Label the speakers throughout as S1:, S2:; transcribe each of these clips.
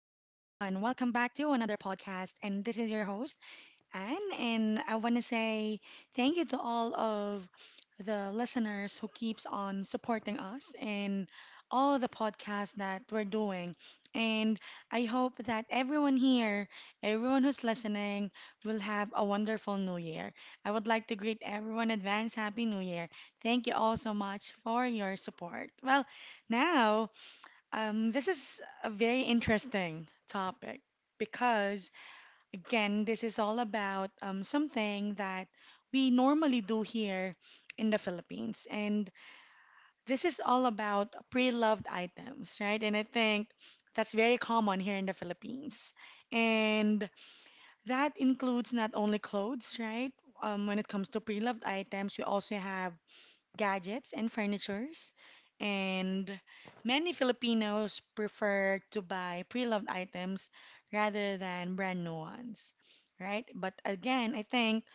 S1: Welcome back to another podcast. And this is your host, Anne. And I want to say thank you to all of the listeners who keeps on supporting us in all the podcasts that we're doing. And I hope that everyone here, everyone who's listening, will have a wonderful new year. I would like to greet everyone advance Happy New Year. Thank you all so much for your support. Well, now. This is a very interesting topic because, again, this is all about something that we normally do here in the Philippines. And this is all about pre-loved items, right? And I think that's very common here in the Philippines. And that includes not only clothes, right? When it comes to pre-loved items, we also have gadgets and furnitures. And many Filipinos prefer to buy pre-loved items rather than brand new ones, right? But again, I think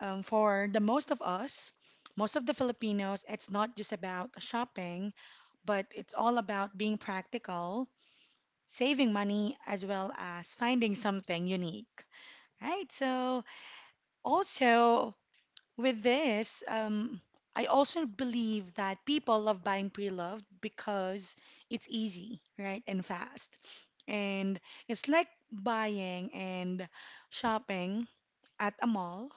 S1: for the most of us, most of the Filipinos, it's not just about shopping, but it's all about being practical, saving money, as well as finding something unique, right? So also with this, I also believe that people love buying pre-loved because it's easy, right, and fast. And it's like buying and shopping at a mall,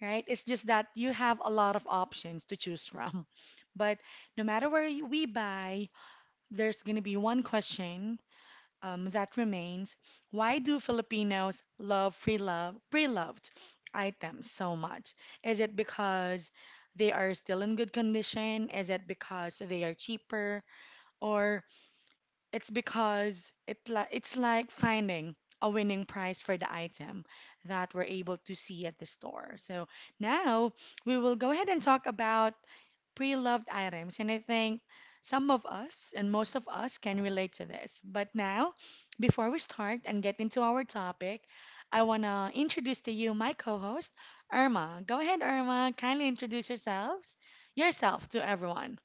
S1: right? It's just that you have a lot of options to choose from. But no matter where we buy, there's going to be one question that remains. Why do Filipinos love free love pre-loved items so much? Is it because they are still in good condition? Is it because they are cheaper? Or it's because it's like finding a winning price for the item that we're able to see at the store. So now we will go ahead and talk about pre-loved items, and I think some of us and most of us can relate to this. But now, before we start and get into our topic, I want to introduce to you my co-host, Irma. Go ahead, Irma. Kindly introduce yourself to everyone.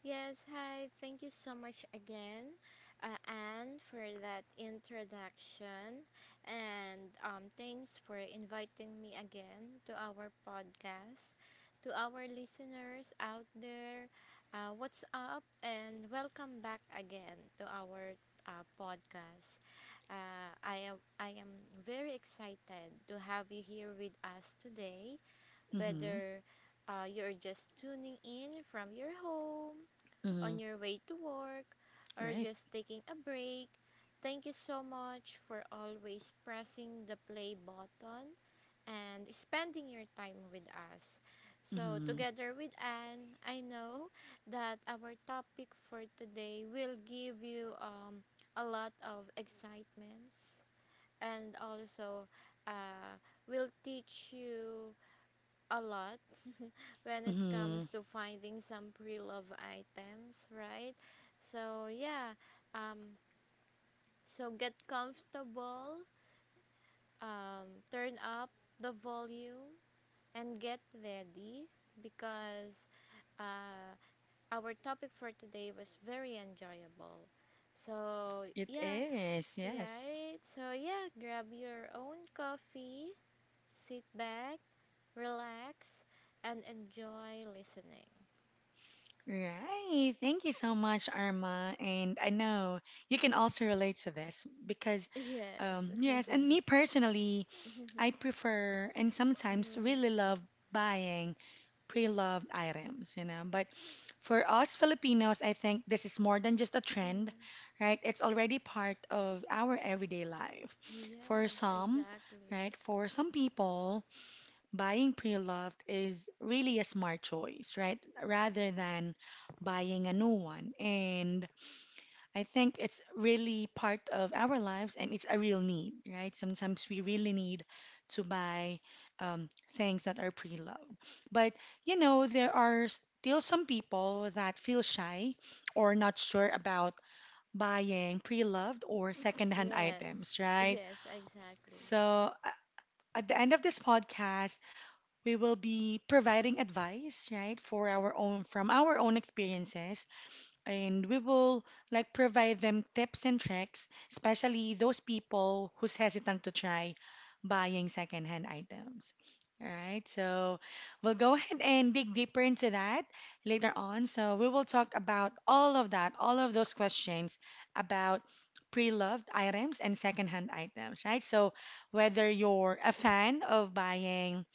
S2: Yes, hi. Thank you so much again, Anne, for that introduction. And Thanks for inviting me again to our podcast. To our listeners out there, what's up? And welcome back again to our podcast. I am very excited to have you here with us today,
S1: Mm-hmm.
S2: whether you're just tuning in from your home,
S1: Mm-hmm.
S2: on your way to work, or
S1: Right.
S2: just taking a break. Thank you so much for always pressing the play button and spending your time with us. So, together with Anne, I know that our topic for today will give you a lot of excitements, and also uh, will teach you a lot when it
S1: Mm-hmm.
S2: comes to finding some pre-love items, right? So yeah, um, so get comfortable, turn up the volume, and get ready because uh, our topic for today was very enjoyable. So
S1: It
S2: yeah,
S1: is, yes.
S2: right. So yeah, grab your own coffee, sit back, relax, and enjoy listening.
S1: Right. Thank you so much, Arma. And I know you can also relate to this because,
S2: Yes.
S1: yes, and me personally, I prefer and sometimes
S2: Mm,
S1: really love buying pre-loved items, you know. But for us Filipinos, I think this is more than just a trend,
S2: mm.
S1: right? It's already part of our everyday life. For
S2: Yes,
S1: some,
S2: exactly.
S1: right? For some people, buying pre-loved is really a smart choice, right? Rather than buying a new one. And I think it's really part of our lives and it's a real need, right? Sometimes we really need to buy things that are pre-loved. But, you know, there are still some people that feel shy or not sure about buying pre-loved or secondhand
S2: Yes,
S1: items, right?
S2: yes, exactly.
S1: So, at the end of this podcast, we will be providing advice, right, for our own from our own experiences and we will like provide them tips and tricks, especially those people who's hesitant to try buying secondhand items. All right, so we'll go ahead and dig deeper into that later on. So we will talk about all of that, all of those questions about pre-loved items and secondhand items, right? So whether you're a fan of buying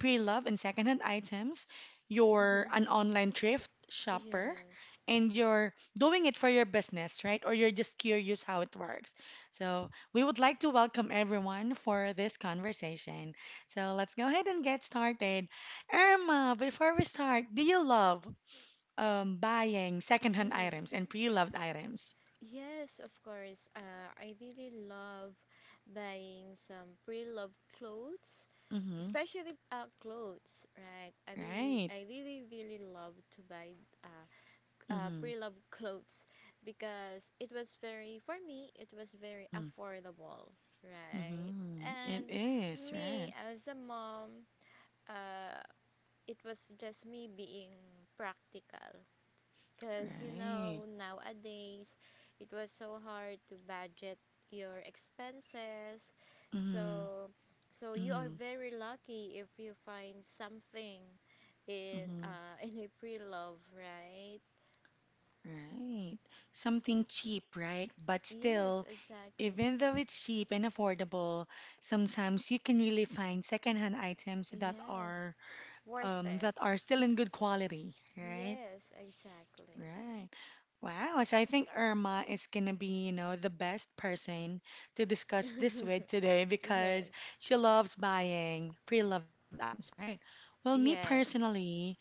S1: pre-loved and secondhand items, you're an online thrift shopper,
S2: Yes.
S1: and you're doing it for your business, right? Or you're just curious how it works. So, we would like to welcome everyone for this conversation. So, let's go ahead and get started. Irma, before we start, do you love buying secondhand items and
S2: Mm.
S1: pre-loved items?
S2: Yes, of course. I really love buying some pre-loved clothes,
S1: Mm-hmm.
S2: especially clothes, right? I really,
S1: Right.
S2: I really, really love to buy uh,
S1: Mm-hmm.
S2: pre-loved clothes because it was very for me it was very
S1: Mm-hmm.
S2: affordable, right.
S1: Mm-hmm. It
S2: And
S1: is,
S2: me
S1: right?
S2: as a mom, uh, it was just me being practical, because you
S1: Right.
S2: know nowadays it was so hard to budget your expenses.
S1: Mm-hmm.
S2: So, so you are
S1: Mm-hmm.
S2: very lucky if you find something in,
S1: Mm-hmm.
S2: in a pre-love, right.
S1: Right. Something cheap, right? But
S2: Yes,
S1: still,
S2: exactly.
S1: even though it's cheap and affordable, sometimes you can really find secondhand items
S2: Yes, worth it.
S1: that are still in good quality, right?
S2: Yes, exactly.
S1: Right. Wow. So I think Irma is gonna be, you know, the best person to discuss this with today because
S2: Yes,
S1: she loves buying pre-loved items, right? Well, me
S2: yes,
S1: personally,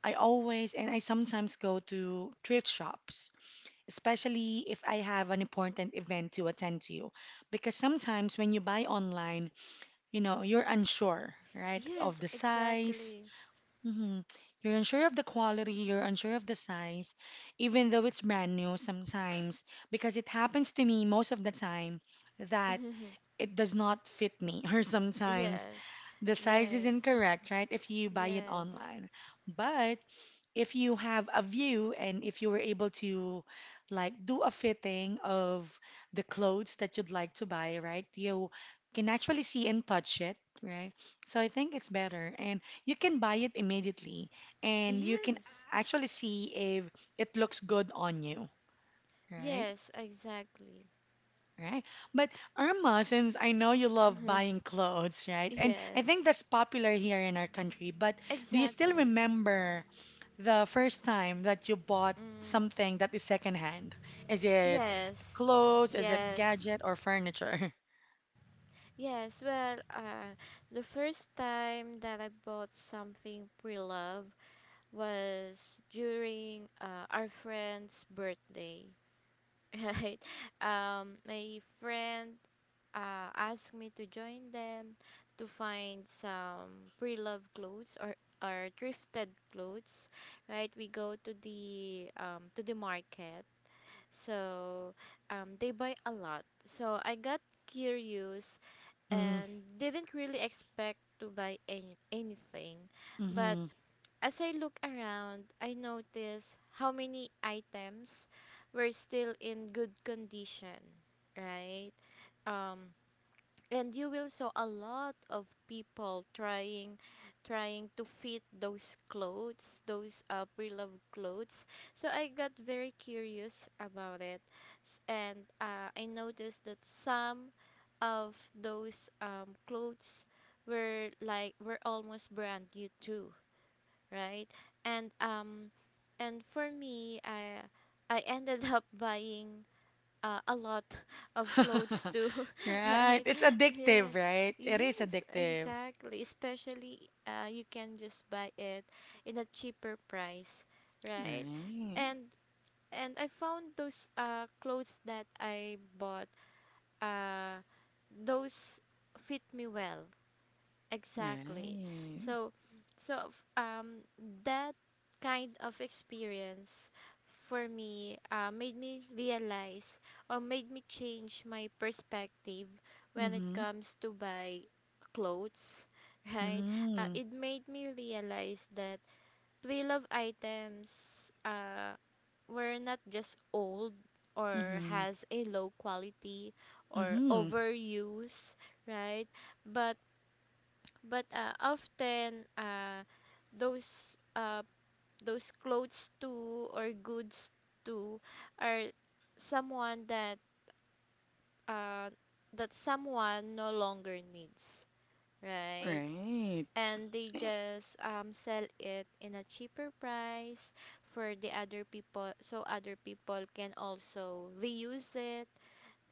S1: I always and I sometimes go to thrift shops especially if I have an important event to attend to. Because sometimes when you buy online, you know, you're unsure, right, of
S2: yes,
S1: the size.
S2: exactly.
S1: Hmm. You're unsure of the quality, you're unsure of the size, even though it's brand new sometimes. Because it happens to me most of the time that it does not fit me, or sometimes
S2: Yes,
S1: the size is
S2: yes,
S1: incorrect, right, if you buy it
S2: yes,
S1: online. But if you have a view and if you were able to like do a fitting of the clothes that you'd like to buy, right? You can actually see and touch it, right? So I think it's better and you can buy it immediately and you can
S2: yes,
S1: actually see if it looks good on you, right?
S2: yes, exactly.
S1: Right. But Irma, since I know you love buying clothes, right? And I
S2: Yes,
S1: think that's popular here in our country, but do you still
S2: exactly.
S1: remember the first time that you bought
S2: Mm,
S1: something that is secondhand? Is it
S2: yes,
S1: clothes? Is it
S2: yes.
S1: gadget or furniture?
S2: Yes, well, the first time that I bought something pre-loved was during our friend's birthday, right? My friend asked me to join them to find some pre-loved clothes or thrifted clothes, right? We go to the market, so they buy a lot. So I got curious
S1: Mm-hmm.
S2: and didn't really expect to buy anything, but
S1: Mm-hmm.
S2: as I look around, I notice how many items were still in good condition, right? Um, and you will saw a lot of people trying to fit those clothes, those pre-loved clothes. So I got very curious about it. S- and I noticed that some of those clothes were like were almost brand new too, right? And um, and for me, I ended up buying a lot of clothes too,
S1: Right.
S2: right?
S1: It's addictive,
S2: Yes,
S1: right? It is
S2: yes,
S1: addictive.
S2: exactly. Especially you can just buy it in a cheaper price, right?
S1: Right.
S2: And I found those clothes that I bought uh those fit me well. Exactly.
S1: Right.
S2: So, so, that kind of experience for me made me realize or made me change my perspective when it
S1: Mm-hmm.
S2: comes to buy clothes, right?
S1: Mm-hmm.
S2: It made me realize that pre-love items were not just old or
S1: Mm-hmm.
S2: has a low quality or
S1: Mm-hmm.
S2: overuse, right? But but often, those uh, those clothes too or goods too are someone that uh, that someone no longer needs, right.
S1: Right.
S2: And they just sell it in a cheaper price for the other people so other people can also reuse it,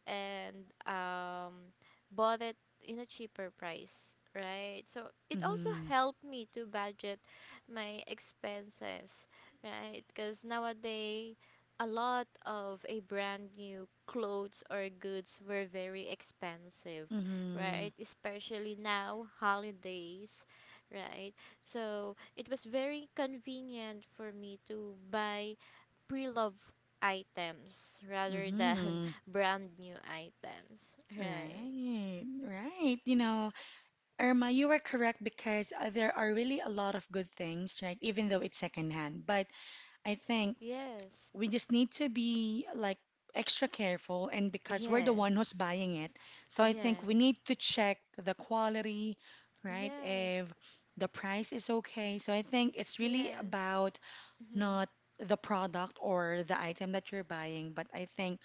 S2: and um, bought it in a cheaper price, right? So it also
S1: Mm-hmm.
S2: helped me to budget my expenses, right? Because nowadays, a lot of a brand new clothes or goods were very expensive,
S1: Mm-hmm.
S2: right? Especially now, holidays, right? So it was very convenient for me to buy pre-loved items rather than
S1: Mm-hmm.
S2: brand new items. Right.
S1: Right. Right. You know, Irma, you are correct because there are really a lot of good things, right? Even though it's secondhand. But I think
S2: Yes.
S1: we just need to be like extra careful, and because we're the one who's
S2: Yes.
S1: buying it. So I think we
S2: Yes.
S1: need to check the quality, right?
S2: Yes.
S1: If the price is okay. So I think it's really
S2: Yes.
S1: about
S2: Mhm.
S1: not the product or the item that you're buying, but I think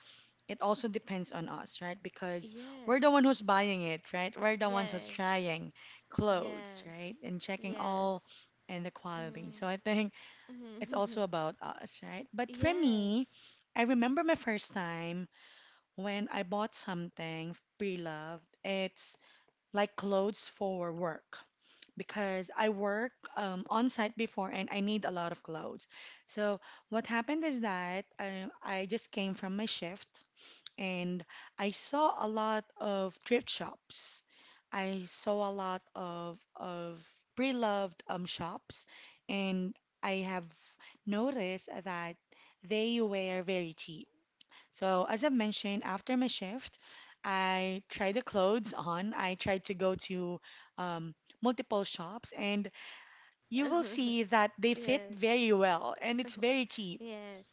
S1: it also depends on us, right? Because we're the one
S2: Yes.
S1: who's buying it, right? We're the ones who's
S2: Yes.
S1: trying clothes,
S2: Yes.
S1: right? And checking all
S2: Yes.
S1: and the quality.
S2: Mhm.
S1: So I think
S2: Mhm.
S1: it's also about us, right? But for me,
S2: Yes.
S1: I remember my first time when I bought something pre-loved. It's like clothes for work because I work on site before and I need a lot of clothes. So what happened is that I just came from my shift and I saw a lot of thrift shops. I saw a lot of pre-loved shops, and I have noticed that they were very cheap. So as I mentioned, after my shift, I tried the clothes on. I tried to go to um, multiple shops, and you will see that they fit
S2: Yes.
S1: very well, and it's very cheap.
S2: Yes.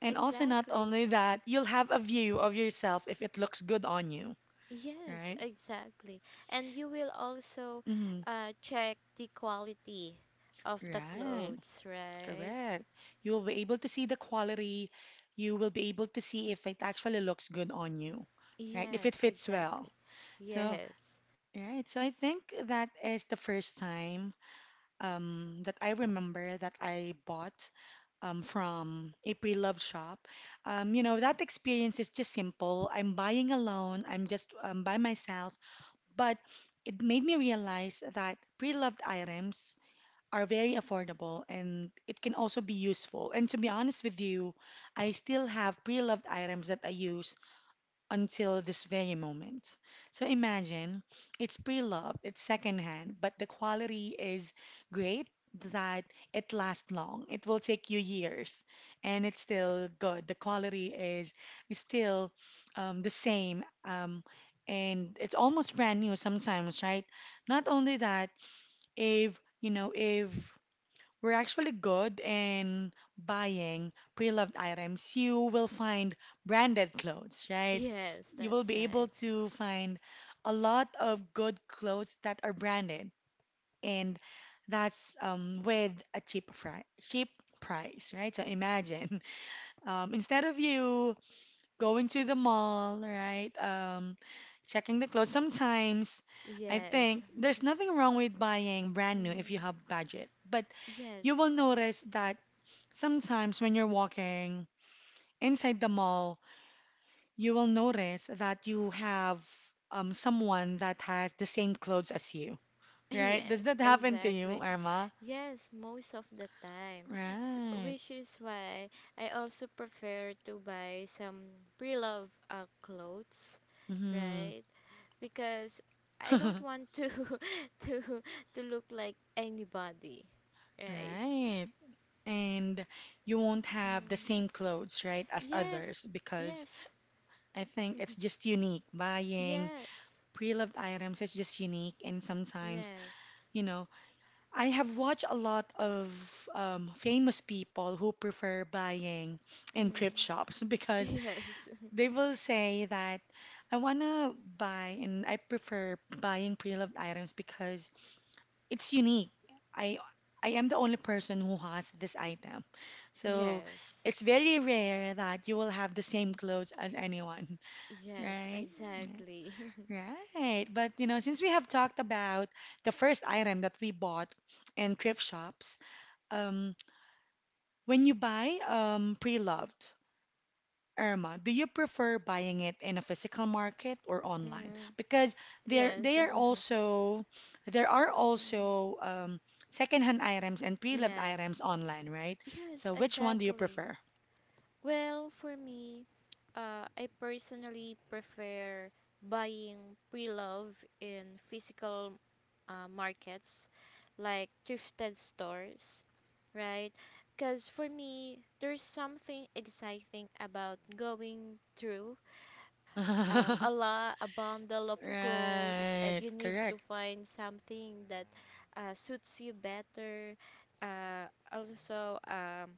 S1: And also, not
S2: Exactly.
S1: only that, you'll have a view of yourself if it looks good on you,
S2: Yes,
S1: right?
S2: exactly. And you will also
S1: Mm,
S2: check the quality of the
S1: right,
S2: clothes, right?
S1: correct. You will be able to see the quality. You will be able to see if it actually looks good on you, right? If it
S2: Yes,
S1: fits well.
S2: exactly.
S1: So,
S2: Yes.
S1: right. So I think that is the first time that I remember that I bought from a pre-loved shop. You know, that experience is just simple. I'm buying alone. I'm just by myself. But it made me realize that pre-loved items are very affordable and it can also be useful. And to be honest with you, I still have pre-loved items that I use until this very moment. So imagine it's pre-loved, it's secondhand, but the quality is great that it lasts long. It will take you years and it's still good. The quality is still the same and it's almost brand new sometimes, right? Not only that, if you know, if we're actually good in buying pre-loved items. You will find branded clothes, right?
S2: Yes,
S1: You will
S2: that's
S1: be able
S2: right.
S1: to find a lot of good clothes that are branded, and that's with a cheap price, right? So imagine, instead of you going to the mall, right? Checking the clothes. Sometimes I
S2: Yes.
S1: think there's nothing wrong with buying brand new if you
S2: Mm.
S1: have budget, but you will
S2: Yes.
S1: notice that sometimes when you're walking inside the mall, you will notice that you have someone that has the same clothes as you, right? Does
S2: Yes,
S1: that happen to you,
S2: exactly.
S1: Irma?
S2: Yes, most of the time. S
S1: Right.
S2: Which is why I also prefer to buy some pre-loved clothes,
S1: Mm-hmm.
S2: right? Because I don't want to to to look like anybody, right?
S1: Right. And you won't have the
S2: Mm.
S1: same clothes, right, as
S2: Yes.
S1: others because
S2: Yes.
S1: I think it's just unique. Buying
S2: Yes.
S1: pre-loved items is just unique, and sometimes,
S2: Yes.
S1: you know, I have watched a lot of famous people who prefer buying in thrift
S2: Mm.
S1: shops because
S2: Yes.
S1: they will say that I wanna buy and I prefer buying pre-loved items because it's unique. I I am the only person who has this item. So
S2: Yes.
S1: it's very rare that you will have the same clothes as anyone,
S2: Yes,
S1: right?
S2: exactly.
S1: Yeah. Right. But you know, since we have talked about the first item that we bought in thrift shops, um, when you buy pre-loved, Irma, do you prefer buying it in a physical market or online?
S2: Mm.
S1: Because there
S2: Yes.
S1: they are also there are
S2: Mm.
S1: also secondhand items and pre-loved items
S2: Yes.
S1: online, right?
S2: Yes,
S1: So which one do you
S2: exactly.
S1: prefer?
S2: Well, for me, I personally prefer buying pre-love in physical markets like thrifted stores, right? Because for me, there's something exciting about going through a bundle of clothes, and
S1: Right,
S2: you need to
S1: correct.
S2: find something that suits you better. Uh, also,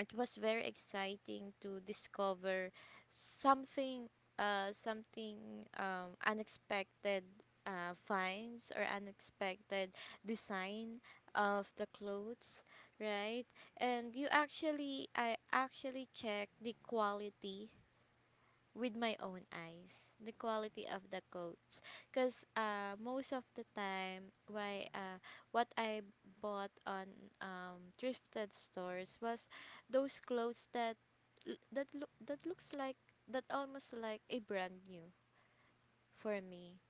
S2: it was very exciting to discover something, unexpected finds or unexpected design of the clothes, right? I actually check the quality with my own eyes, the quality of the coats, because most of the time why what I bought on thrifted stores was those clothes that looks like that almost like a brand new for me.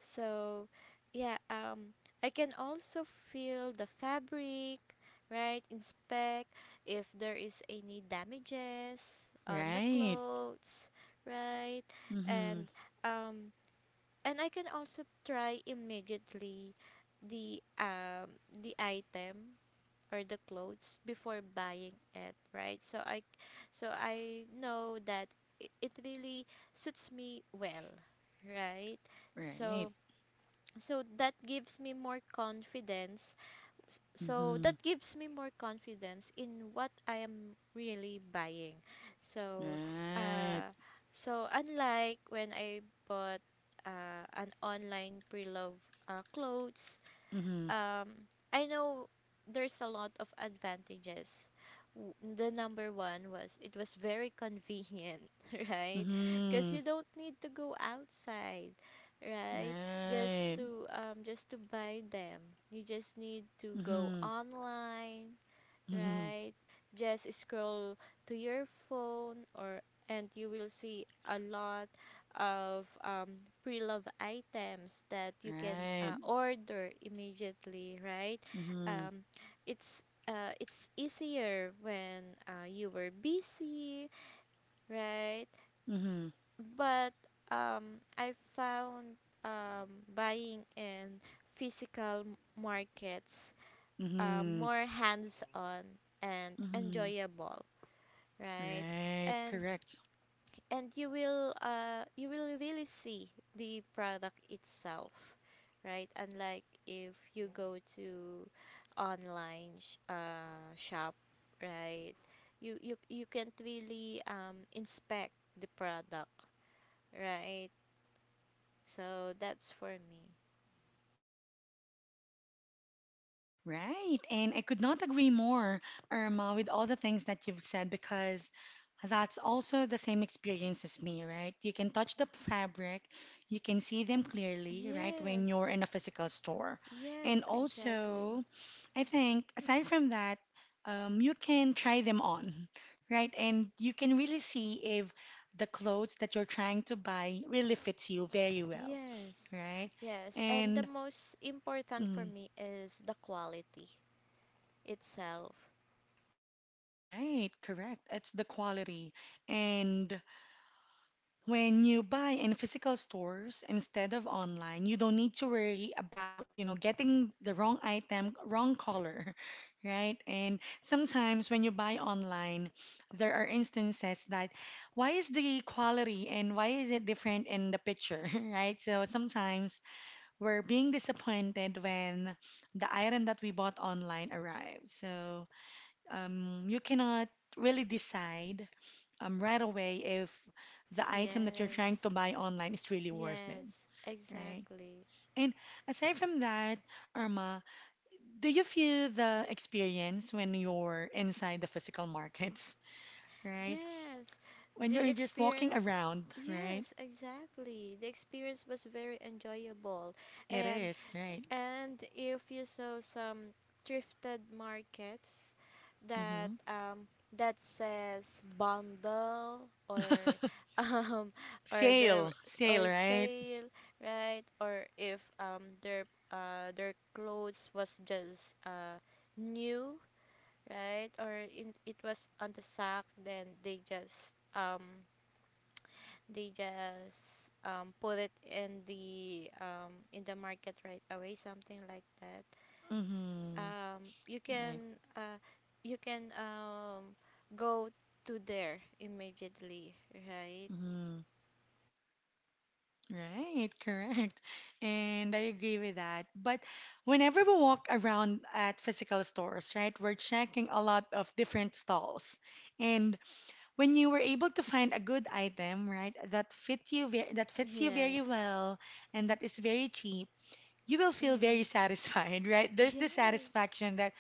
S2: So, yeah, I can also feel the fabric, right? Inspect if there is any damages on the
S1: Right.
S2: clothes, right?
S1: Mm-hmm.
S2: And um, and I can also try immediately the um the item or the clothes before buying it, right? So I know that it really suits me well, right?
S1: Right.
S2: So so that gives me more confidence S- so
S1: Mm-hmm.
S2: that gives me more confidence in what I am really buying. So,
S1: Right.
S2: uh unlike when I bought an online pre-love clothes,
S1: Mm-hmm.
S2: um I know there's a lot of advantages. The number one was it was very convenient, right? Because
S1: Mm-hmm.
S2: you don't need to go outside, right?
S1: Right.
S2: Just to buy them. You just need to go
S1: Mm-hmm.
S2: online,
S1: Mm-hmm.
S2: right? Just scroll to your phone, or and you will see a lot of pre-love items that you can
S1: Right.
S2: order immediately, right?
S1: Mm-hmm.
S2: Um, it's it's easier when you were busy, right?
S1: Mm-hmm.
S2: But I found buying in physical markets
S1: Mm-hmm.
S2: more hands-on and
S1: Mm-hmm.
S2: enjoyable, right?
S1: Right,
S2: And
S1: correct.
S2: and you will really see the product itself, right? Unlike if you go to online shop, right? You can't really inspect the product, right? So that's for me.
S1: Right. And I could not agree more, Irma, with all the things that you've said because that's also the same experience as me, right? You can touch the fabric, you can see them clearly, right, when you're
S2: Yes.
S1: in a physical store. And
S2: Yes, exactly.
S1: also, I think aside from that, you can try them on, right? And you can really see if the clothes that you're trying to buy really fits you very well,
S2: Yes,
S1: right?
S2: yes. And the
S1: And
S2: most important for
S1: mm,
S2: me is the quality itself.
S1: right, correct. It's the quality. And when you buy in physical stores instead of online, you don't need to worry about, you know, getting the wrong item, wrong color, right? And sometimes when you buy online, there are instances that why is the quality and why is it different in the picture, right? So sometimes we're being disappointed when the item that we bought online arrives. So you cannot really decide right away if the item that you're trying to
S2: Yes,
S1: buy online is really worth it,
S2: yes,
S1: right?
S2: exactly.
S1: And aside from that, Irma, do you feel the experience when you're inside the physical markets, right?
S2: Yes,
S1: When
S2: the
S1: you're just walking
S2: experience.
S1: around, right?
S2: Yes, exactly. The experience was very enjoyable.
S1: It
S2: and
S1: is, right?
S2: And if you saw some thrifted markets that
S1: Mm-hmm.
S2: says bundle, or um or
S1: Sale,
S2: their
S1: sale,
S2: or
S1: right?
S2: sale, right? Or if their clothes was just new, right? Or in, it was on the sack, then they just put it in the market right away, something like that,
S1: Mm-hmm.
S2: um you can
S1: Right.
S2: uh you can go to there immediately, right.
S1: Mm-hmm. Right, correct. And I agree with that. But whenever we walk around at physical stores, right, we're checking a lot of different stalls. And when you were able to find a good item, right, that fits you very
S2: Yes.
S1: well and that is very cheap, you will feel very
S2: Mm,
S1: satisfied, right? There's the
S2: yes,
S1: satisfaction that,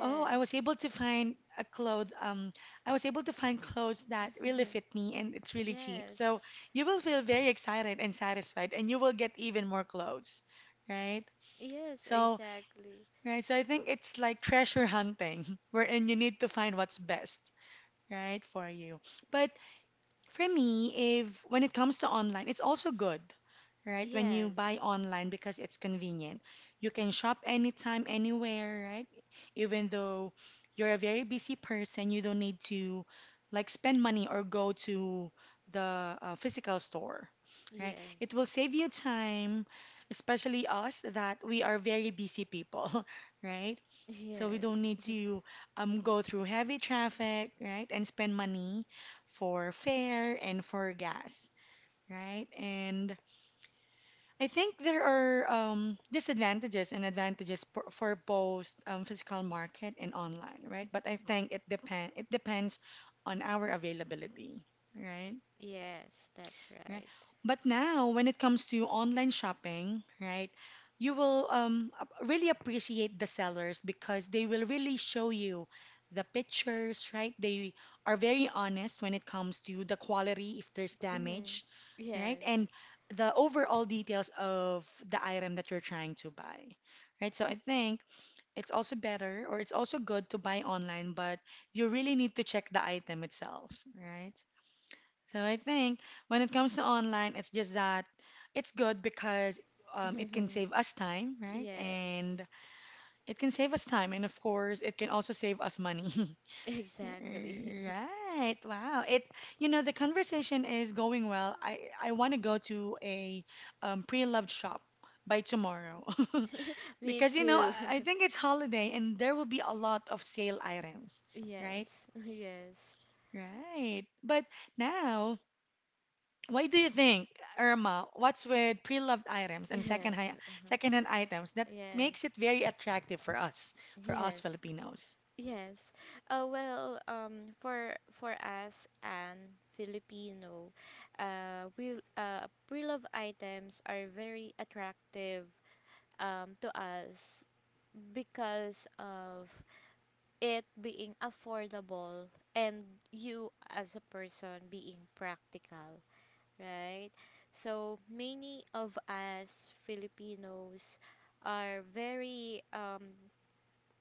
S1: oh, I was able to find a cloth. I was able to find clothes that really fit me, and it's really cheap. So
S2: Yes,
S1: you will feel very excited and satisfied, and you will get even more clothes, right?
S2: yes,
S1: So,
S2: exactly.
S1: right. So I think it's like treasure hunting, wherein you need to find what's best, right, for you. But for me, if when it comes to online, it's also good, right? When you buy
S2: Yes,
S1: online because it's convenient. You can shop anytime, anywhere, right? Even though you're a very busy person, you don't need to like spend money or go to the physical store, right? It
S2: yes.
S1: will save you time, especially us that we are very busy people, right? So we don't
S2: Yes,
S1: need to go through heavy traffic, right? And spend money for fare and for gas, right? And I think there are disadvantages and advantages for, both physical market and online, right? But I think it depends on our availability, right?
S2: yes, that's
S1: Right.
S2: right.
S1: But now, when it comes to online shopping, right, you will really appreciate the sellers because they will really show you the pictures, right? They are very honest when it comes to the quality, if there's
S2: Mm,
S1: damage, right? And
S2: yes.
S1: the overall details of the item that you're trying to buy, right? So I think it's also better or it's also good to buy online, but you really need to check the item itself, right? So I think when it comes to online, it's just that it's good because it can save us time, right?
S2: Yes,
S1: And it can save us time, and of course, it can also save us money.
S2: exactly.
S1: Right. Wow. It, you know, the conversation is going well. I want to go to a pre-loved shop by tomorrow
S2: Me
S1: because you know
S2: too.
S1: I think it's holiday and there will be a lot of sale items, right?
S2: Yes. Yes,
S1: Right. But now. Why do you think, Irma, what's with pre-loved items and
S2: yes.
S1: hand items that
S2: Yes,
S1: makes it very attractive for us
S2: yes,
S1: Filipinos,
S2: yes. Well, for us and Filipino, we pre-love items are very attractive to us because of it being affordable, and you as a person being practical, right? So many of us Filipinos are very um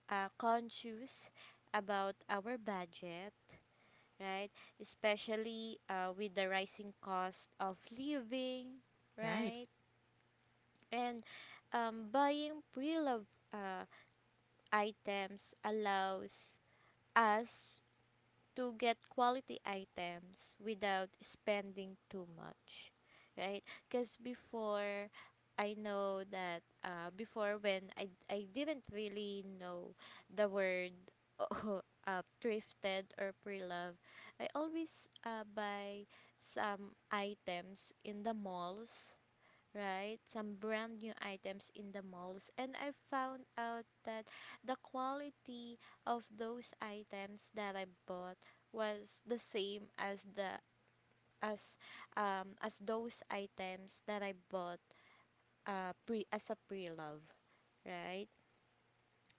S2: uh, conscious about our budget, right? Especially with the rising cost of living,
S1: right?
S2: right? And buying pre-loved uh, items allows us to get quality items without spending too much, right? Because before, I know that before when I didn't really know the word thrifted or pre-love, I always buy some items in the malls, right? Some brand new items in the malls. And I found out that the quality of those items that I bought was the same as the as as those items that I bought pre as a pre-love, right?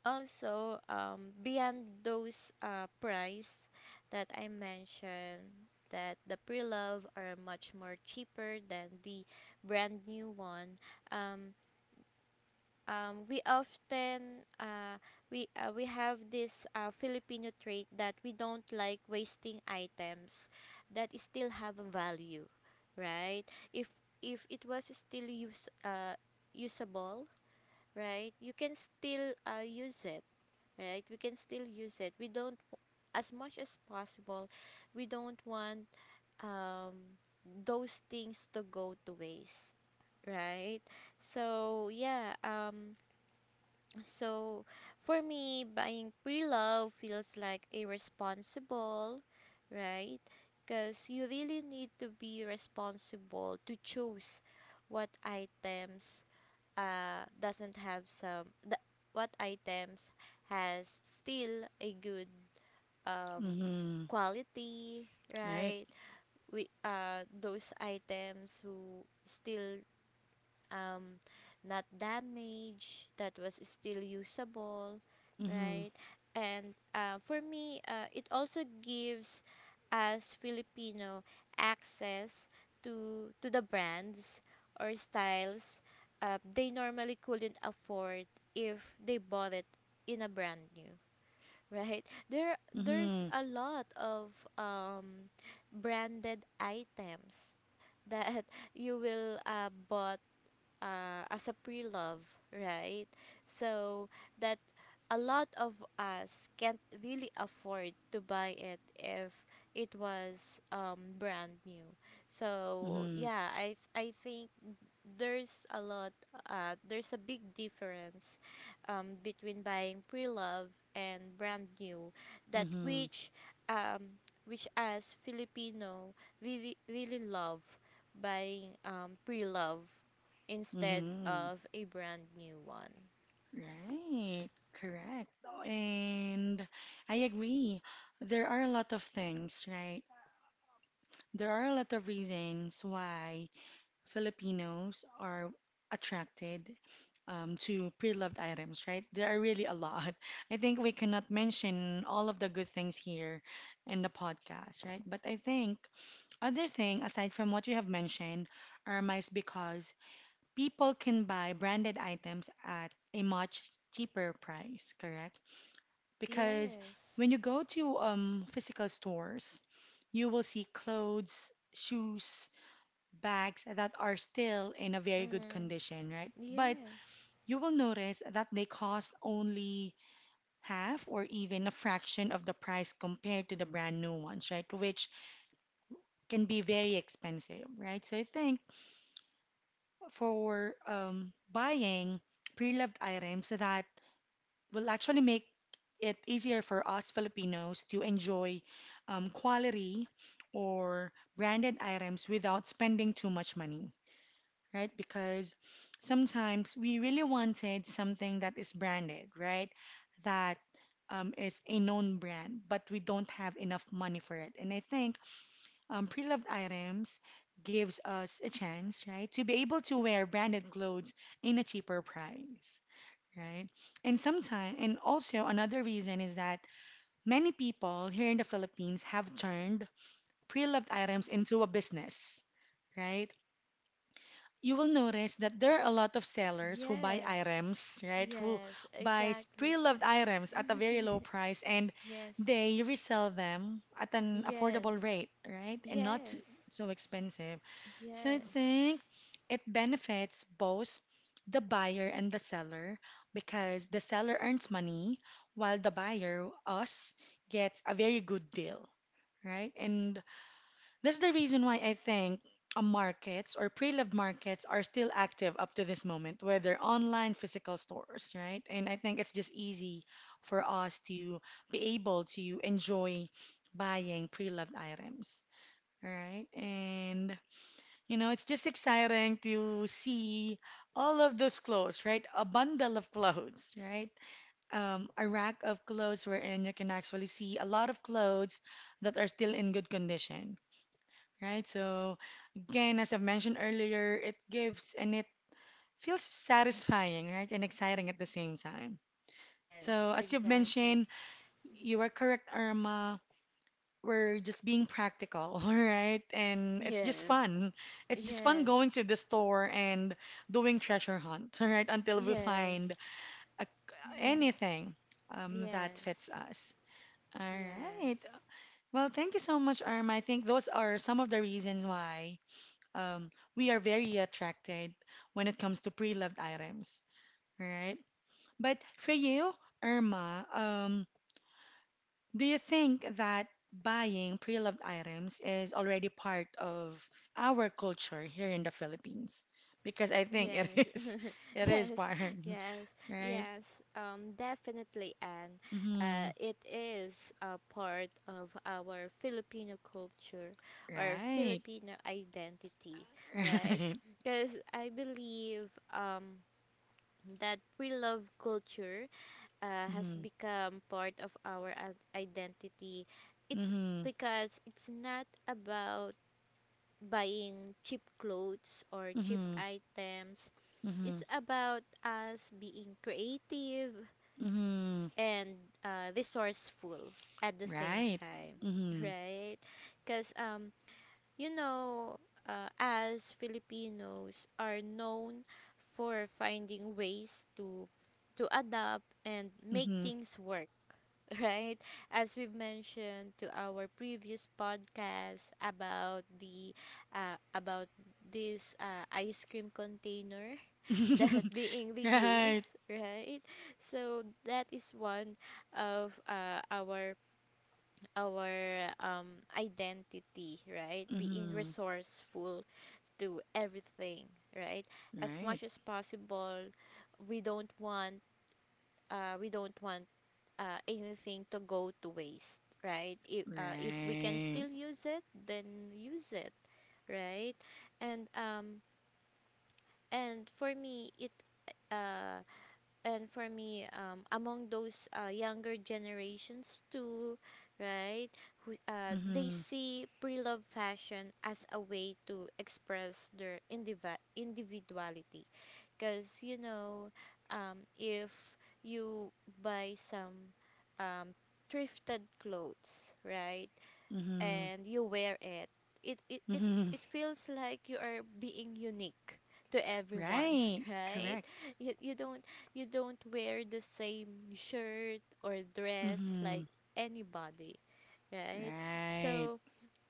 S2: Also, beyond those price that I mentioned, that the pre-love are much more cheaper than the brand new one. Um, we often we have this Filipino trait that we don't like wasting items that still have a value, right? If if it was still use usable, right? You can still use it, right? We can still use it. We don't, as much as possible, we don't want um, those things to go to waste, right. So yeah um so, for me, buying pre-love feels like irresponsible, right? Because you really need to be responsible to choose what items doesn't have some the, what items has still a good um
S1: Mm-hmm.
S2: quality,
S1: Right.
S2: right? We Those items who still um, not damaged, that was still usable,
S1: Mm-hmm.
S2: right? And for me, it also gives us Filipino access to the brands or styles they normally couldn't afford if they bought it in a brand new, right? There's
S1: Mm-hmm.
S2: a lot of um branded items that you will bought as a pre-love, right? So that a lot of us can't really afford to buy it if it was brand new. So
S1: Mm-hmm.
S2: yeah, I think there's a lot there's a big difference between buying pre-love and brand new that
S1: Mm-hmm.
S2: um, which as Filipino really really love buying pre-love instead
S1: Mm-hmm.
S2: of a brand new one.
S1: Right, correct. And I agree. There are a lot of things, right? There are a lot of reasons why Filipinos are attracted to pre-loved items, right? There are really a lot. I think we cannot mention all of the good things here in the podcast, right? But I think other thing aside from what you have mentioned are mice because people can buy branded items at a much cheaper price, correct? Because
S2: Yes.
S1: when you go to physical stores, you will see clothes, shoes, bags that are still in a very good
S2: Mm-hmm.
S1: condition, right? But
S2: Yes,
S1: you will notice that they cost only half or even a fraction of the price compared to the brand new ones, right? Which can be very expensive, right? So I think for buying pre-loved items that will actually make it easier for us Filipinos to enjoy quality or branded items without spending too much money, right? Because sometimes we really wanted something that is branded, right? That is a known brand, but we don't have enough money for it. And I think pre-loved items gives us a chance, right, to be able to wear branded clothes in a cheaper price. Right. And sometimes, and also another reason is that many people here in the Philippines have turned pre-loved items into a business, right? You will notice that there are a lot of sellers who buy
S2: yes,
S1: items, right? Who
S2: yes,
S1: buys
S2: exactly.
S1: pre-loved items at a very low price and
S2: Yes,
S1: they resell them at an
S2: yes,
S1: affordable rate, right? And not
S2: yes,
S1: so expensive. So I
S2: yes.
S1: think it benefits both the buyer and the seller because the seller earns money while the buyer, us, gets a very good deal, right? And that's the reason why I think markets or pre-loved markets are still active up to this moment, whether online, physical stores, right? And I think it's just easy for us to be able to enjoy buying pre-loved items, right? And you know, it's just exciting to see all of those clothes, right? A bundle of clothes, right? A rack of clothes wherein you can actually see a lot of clothes that are still in good condition, right? So again, as I've mentioned earlier, it gives and it feels satisfying, right? And exciting at the same time.
S2: Yes,
S1: So, as you've
S2: exactly.
S1: mentioned, you are correct, Irma. We're just being practical, all right? And it's just
S2: Yes,
S1: fun. It's just fun
S2: yes,
S1: going to the store and doing treasure hunt, all right? Until we find
S2: yes,
S1: a, anything that fits
S2: yes,
S1: us. All right.
S2: yes,
S1: Well, thank you so much, Irma. I think those are some of the reasons why um, we are very attracted when it comes to pre-loved items, right? But for you, Irma, do you think that buying pre-loved items is already part of our culture here in the Philippines? Because I think it
S2: yes,
S1: is, it is
S2: yes,
S1: part,
S2: yes,
S1: right?
S2: yes. Definitely, and
S1: Hmm.
S2: it is a part of our Filipino culture or
S1: Right.
S2: Filipino identity, right?
S1: Right.
S2: Because I believe that we love culture has
S1: Mm-hmm.
S2: become part of our identity. It's
S1: Mm-hmm.
S2: because it's not about buying cheap clothes or cheap
S1: Mm-hmm.
S2: items.
S1: Mm-hmm.
S2: It's about us being creative
S1: Mm-hmm.
S2: and resourceful at the same
S1: Right.
S2: time,
S1: Mm-hmm.
S2: right? Because you know, as Filipinos are known for finding ways to adapt and make things work, right? As we've mentioned to our previous podcast about this ice cream container that
S1: Mm-hmm.
S2: being
S1: Right.
S2: reused, right? So that is one of our identity, right? Being
S1: Mm-hmm.
S2: resourceful to everything, right? As
S1: Right.
S2: much as possible, we don't want we don't want anything to go to waste, right? If we can
S1: Right.
S2: still use it, then use it, right? And um, and for me, it uh, and for me among those younger generations too, right? Who they
S1: Mm-hmm.
S2: see pre-love fashion as a way to express their individuality, because if you buy some um thrifted clothes, right?
S1: Mm-hmm.
S2: And you wear it, it it it,
S1: Mm-hmm.
S2: it feels like you are being unique to everyone,
S1: Right.
S2: right?
S1: Correct.
S2: You don't wear the same shirt or dress
S1: Mm-hmm.
S2: like anybody, right?
S1: Right.
S2: So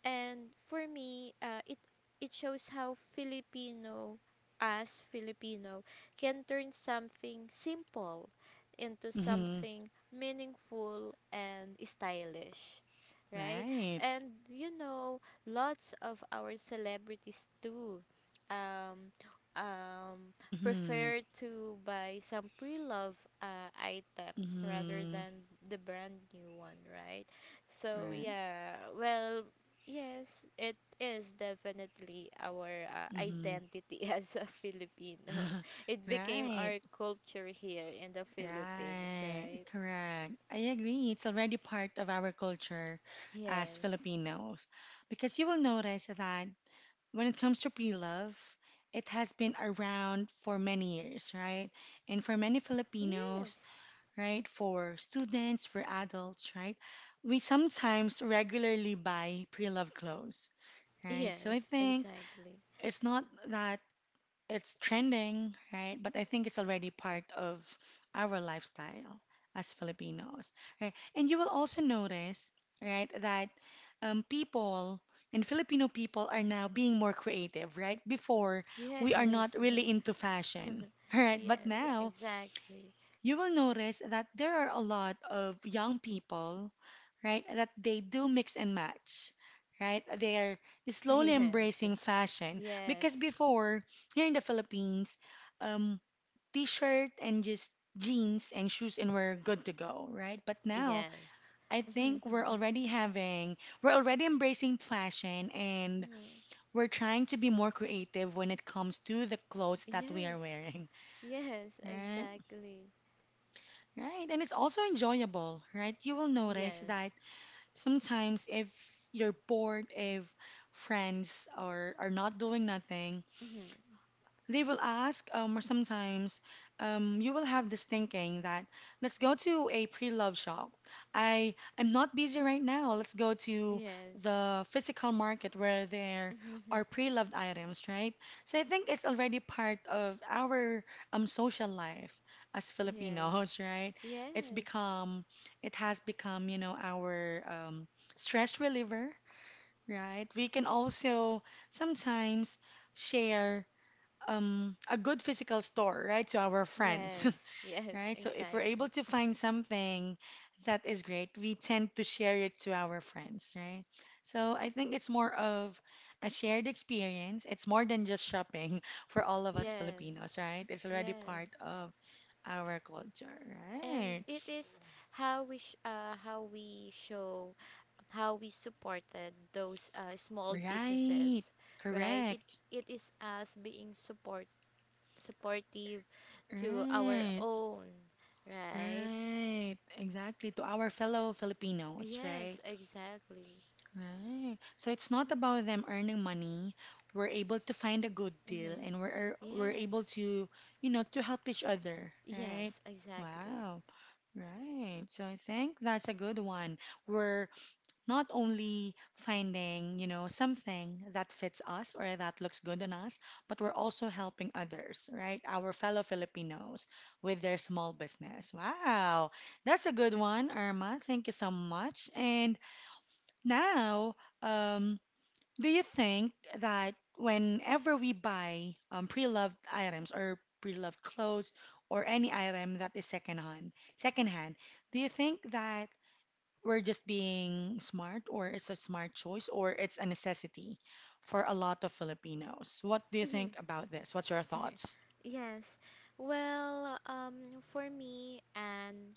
S2: and for me, it shows how Filipino as Filipino can turn something simple into
S1: Mm-hmm.
S2: something meaningful and stylish, right?
S1: Right.
S2: And you know, lots of our celebrities too. Um, um,
S1: Mm-hmm.
S2: Prefer to buy some pre-love items rather
S1: Mm-hmm.
S2: than the brand new one, right? So
S1: Right.
S2: yeah, well, yes, it is definitely our
S1: Mm-hmm.
S2: identity as a Filipino. It became
S1: Right.
S2: our culture here in the Philippines,
S1: Right.
S2: right?
S1: Correct. I agree. It's already part of our culture as
S2: Yes.
S1: Filipinos. Because you will notice that when it comes to pre-love, it has been around for many years, right? And for many Filipinos,
S2: Yes.
S1: right? For students, for adults, right? We sometimes regularly buy pre-love clothes, right? So I
S2: Yes,
S1: think
S2: exactly.
S1: it's not that it's trending, right? But I think it's already part of our lifestyle as Filipinos, right? And you will also notice, right, that people and Filipino people are now being more creative, right? Before, we are
S2: Yes.
S1: not really into fashion, right? But
S2: Yes,
S1: now,
S2: exactly.
S1: you will notice that there are a lot of young people, right, that they do mix and match, right? They are slowly
S2: Yes.
S1: embracing fashion
S2: Yes.
S1: because before, here in the Philippines, um, t-shirt and just jeans and shoes and we're good to go, right? But now,
S2: Yes.
S1: I think we're already having, we're already embracing fashion and
S2: Mhm.
S1: we're trying to be more creative when it comes to the clothes that we are
S2: Yes.
S1: wearing,
S2: Yes,
S1: right?
S2: exactly.
S1: Right, and it's also enjoyable, right? You will notice
S2: Yes.
S1: that sometimes if you're bored, if friends are not doing nothing,
S2: Mhm.
S1: they will ask, or sometimes you will have this thinking that let's go to a pre-loved shop. I'm not busy right now. Let's go to
S2: Yes.
S1: the physical market where there are pre-loved items, right? So I think it's already part of our social life as Filipinos,
S2: Yes.
S1: right? It's
S2: Yes.
S1: become it has become, you know, our stress reliever, right? We can also sometimes share a good physical store, right, to our friends,
S2: Yes. Yes,
S1: right? So if we're able
S2: exactly.
S1: to find something that is great, we tend to share it to our friends, right? So I think it's more of a shared experience. It's more than just shopping for all of us Filipinos,
S2: Yes.
S1: right? It's already part
S2: Yes.
S1: of our culture,
S2: And
S1: right?
S2: it is how we show how we supported those small
S1: Right.
S2: businesses, right? It
S1: Correct.
S2: it is us being supportive to our
S1: Right.
S2: own, right?
S1: Right. Exactly. To our fellow Filipinos, right?
S2: Yes, exactly.
S1: Right. So it's not about them earning money. We're able to find a good deal
S2: Mhm.
S1: and we're able
S2: Yes.
S1: to, to help each other, right?
S2: Yes, exactly.
S1: Wow. Right. So I think that's a good one. We're not only finding, something that fits us or that looks good on us, but we're also helping others, right? Our fellow Filipinos with their small business. Wow. That's a good one, Irma. Thank you so much. And now, um, do you think that whenever we buy pre-loved items or pre-loved clothes or any item that is secondhand, secondhand, do you think that we're just being smart or it's a smart choice or it's a necessity for a lot of Filipinos? What do you think about this? What's your
S2: Mhm.
S1: thoughts?
S2: Yes. Well, for me, and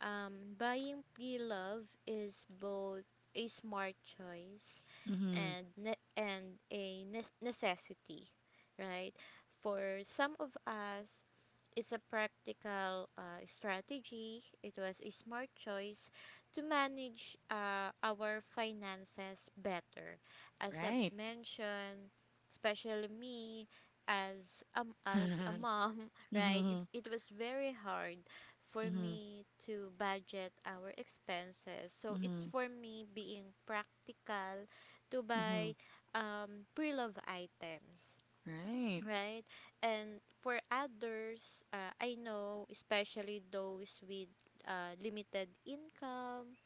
S2: buying pre-love is both a smart choice
S1: Mm-hmm.
S2: and a necessity, right? For some of us, it's a practical strategy. It was a smart choice to manage our finances better. As I've
S1: Right.
S2: mentioned, especially me as a mom, right?
S1: Mm-hmm.
S2: It was very hard for
S1: Mm-hmm.
S2: me to budget our expenses. So it's
S1: Mm-hmm.
S2: for me being practical to
S1: Mm-hmm.
S2: buy pre-love items,
S1: Right.
S2: right? And for others, I know, especially those with limited income,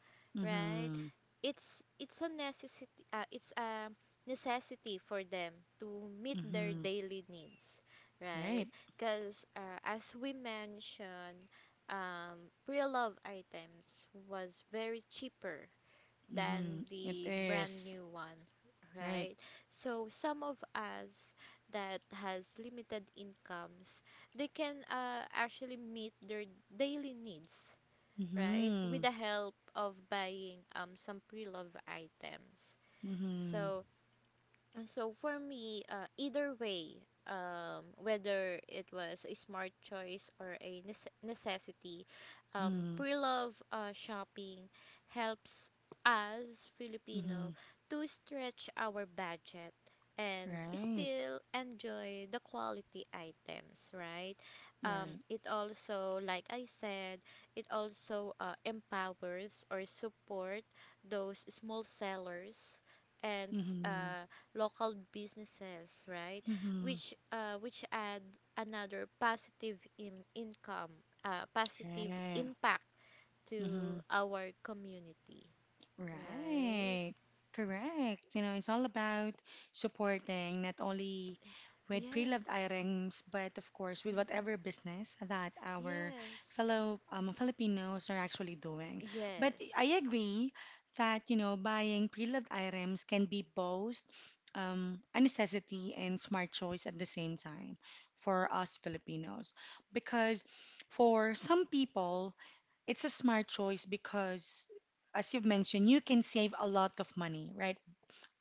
S2: right?
S1: Mm-hmm.
S2: It's a necessity. It's a necessity for them to meet their
S1: Mm-hmm.
S2: daily needs, right?
S1: Right.
S2: Because as we mentioned, pre-love items was very cheaper than
S1: Mm-hmm. It
S2: the brand
S1: is.
S2: new one,
S1: Right.
S2: right? So some of us that has limited incomes, they can actually meet their daily needs, right?
S1: Mm-hmm.
S2: With the help of buying some pre-loved items.
S1: Mm-hmm.
S2: So and so for me, either way, whether it was a smart choice or a necessity,
S1: Mm-hmm.
S2: pre-love shopping helps us
S1: Mm-hmm.
S2: Filipino to stretch our budget and
S1: Right.
S2: still enjoy the quality items, right?
S1: Right.
S2: It also, like I said, it also empowers or support those small sellers and
S1: Mm-hmm.
S2: local businesses, right?
S1: Mm-hmm.
S2: Which add another positive in income, positive
S1: Yeah.
S2: impact
S1: Mm-hmm.
S2: to our community, right?
S1: Right. Correct. You know, it's all about supporting not only with pre-loved
S2: Yes.
S1: items, but of course with whatever
S2: Mm-mm.
S1: business that our
S2: Yes.
S1: fellow Filipinos are actually doing. But
S2: Yes.
S1: I agree that, you know, buying pre-loved items can be both a necessity and smart choice at the same time for us Filipinos. Because for some people, it's a smart choice because, as you've mentioned, you can save a lot of money, right?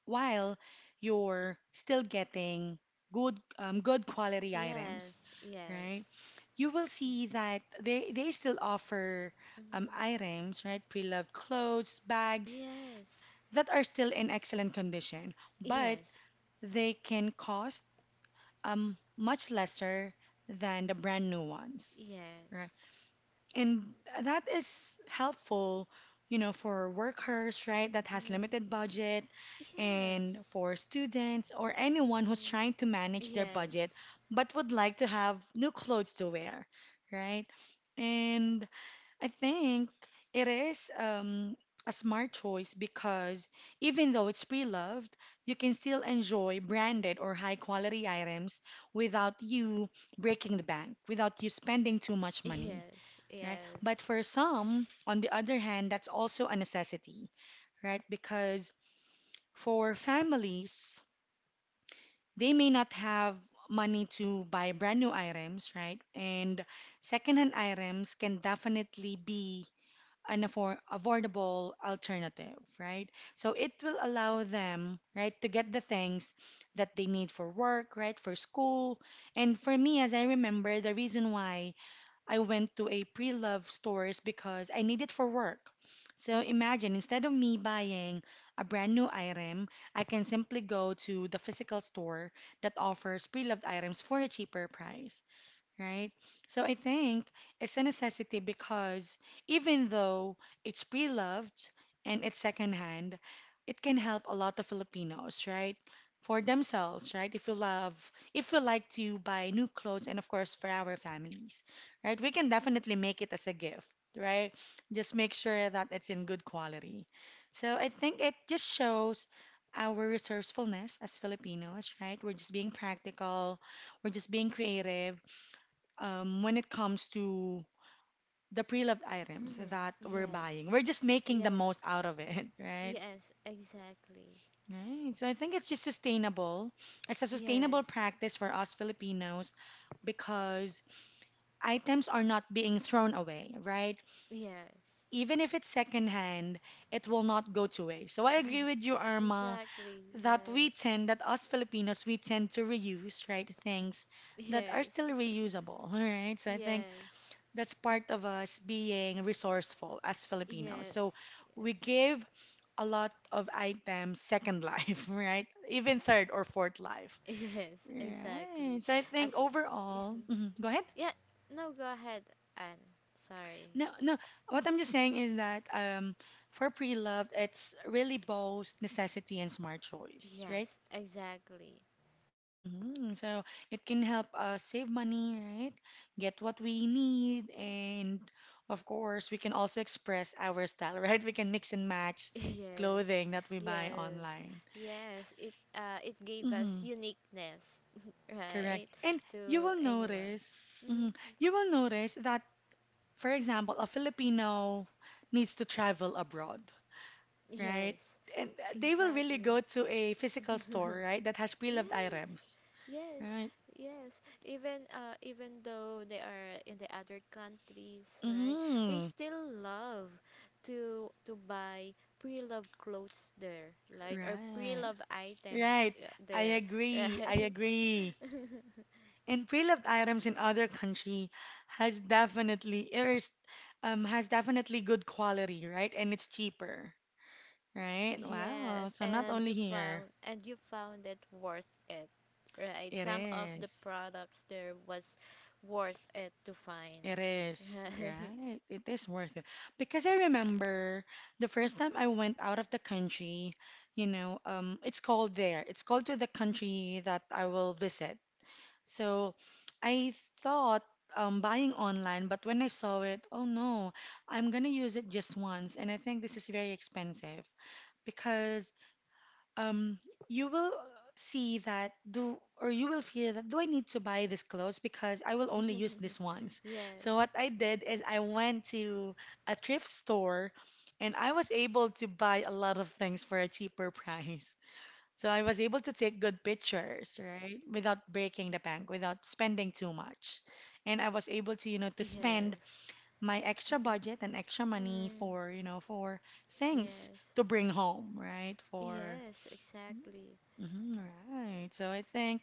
S1: While you're still getting good quality items,
S2: Yes.
S1: right?
S2: Yes.
S1: You will see that they still offer
S2: Mm-hmm.
S1: items, right? Pre-loved clothes, bags
S2: Yes.
S1: that are still in excellent condition, but
S2: Yes.
S1: they can cost much lesser than the brand new ones, right?
S2: Yes.
S1: And that is helpful, you know, for workers, right, that has
S2: Mm-hmm.
S1: limited budget and
S2: Yes.
S1: for students or anyone who's
S2: Mm.
S1: trying to manage their budget
S2: Yes.
S1: but would like to have new clothes to wear, right? And I think it is a smart choice because even though it's pre-loved, you can still enjoy branded or high quality items without you breaking the bank, without you spending too much money,
S2: Yes.
S1: right?
S2: Yes.
S1: But for some, on the other hand, that's also a necessity, right? Because for families, they may not have money to buy brand new items, right? And secondhand items can definitely be an affordable alternative, right? So it will allow them, right, to get the things that they need for work, right, for school. And for me, as I remember, the reason why I went to a pre-loved stores because I need it for work. So imagine instead of me buying a brand new item, I can simply go to the physical store that offers pre-loved items for a cheaper price, right? So I think it's a necessity because even though it's pre-loved and it's secondhand, it can help a lot of Filipinos, right? For themselves, right? If you love, if you like to buy new clothes and of course for our families, right? We can definitely make it as a gift, right? Just make sure that it's in good quality. So I think it just shows our resourcefulness as Filipinos, right? We're just being practical, we're just being creative when it comes to the pre-loved items
S2: Mhm.
S1: that we're buying.
S2: Yes.
S1: We're just making the most
S2: Yes.
S1: out of it, right?
S2: Yes, exactly.
S1: Right. So I think it's just sustainable. It's a sustainable
S2: Yes.
S1: practice for us Filipinos because items are not being thrown away, right?
S2: Yes.
S1: Even if it's secondhand, it will not go to waste. So I agree with you, Irma,
S2: Exactly,
S1: that
S2: right?
S1: we tend, that us Filipinos, we tend to reuse, right, things that are
S2: Yes.
S1: still reusable, right? So I think
S2: Yes.
S1: that's part of us being resourceful as Filipinos. So
S2: Yes. Yes.
S1: we give a lot of items second life, right? Even third or fourth life.
S2: Yes,
S1: Right.
S2: exactly.
S1: So I think
S2: As
S1: overall, mhm, go ahead.
S2: Yeah, no, go ahead, and sorry.
S1: No, no. What I'm just saying is that for pre-loved, it's really both necessity and smart choice, right?
S2: Yes, exactly.
S1: Mhm. So it can help us save money, right? Get what we need, and of course, we can also express our style, right? We can mix and match
S2: Yes.
S1: clothing that we buy
S2: Yes.
S1: online.
S2: Yes, it gave us
S1: Mm-hmm,
S2: uniqueness,
S1: correct.
S2: right?
S1: And you
S2: To
S1: will
S2: anyone.
S1: notice, mhm,
S2: Mhm.
S1: you will notice that, for example, a Filipino needs to travel abroad, right?
S2: Yes,
S1: And they will really
S2: exactly.
S1: go to a physical store, right, that has pre-loved
S2: Yes.
S1: items,
S2: Yes.
S1: right?
S2: Yes. Even though they are in the other countries, right? They
S1: Mm-hmm,
S2: still love to buy pre-loved clothes there, right? Or
S1: right.
S2: pre-loved items
S1: Right, I
S2: there,
S1: agree. I
S2: right?
S1: agree. And pre-loved items in other country has definitely it's has definitely good quality, right? And it's cheaper, right? Wow.
S2: Yes,
S1: So not
S2: and
S1: only here,
S2: you found it worth it, right?
S1: it
S2: Some of the
S1: is.
S2: products there was worth it to find,
S1: It is,
S2: right?
S1: right? It is worth it. Because I remember the first time I went out of the country, you know, it's cold there. It's cold to the country that I will visit. So I thought buying online, but when I saw it, oh no, I'm gonna use it just once, and I think this is very expensive because, um, you will see that do or you will feel that do I need to buy this clothes because I will only use this once. So
S2: Yes.
S1: what I did is I went to a thrift store, and I was able to buy a lot of things for a cheaper price. So I was able to take good pictures, right? Without breaking the bank, without spending too much. And I was able to, you know, to spend
S2: Yes.
S1: my extra
S2: Mm-hmm.
S1: budget and extra money
S2: Mm-hmm.
S1: for, you know, for things
S2: Yes.
S1: to bring home, right? For,
S2: Yes, exactly.
S1: mhm, right. So I think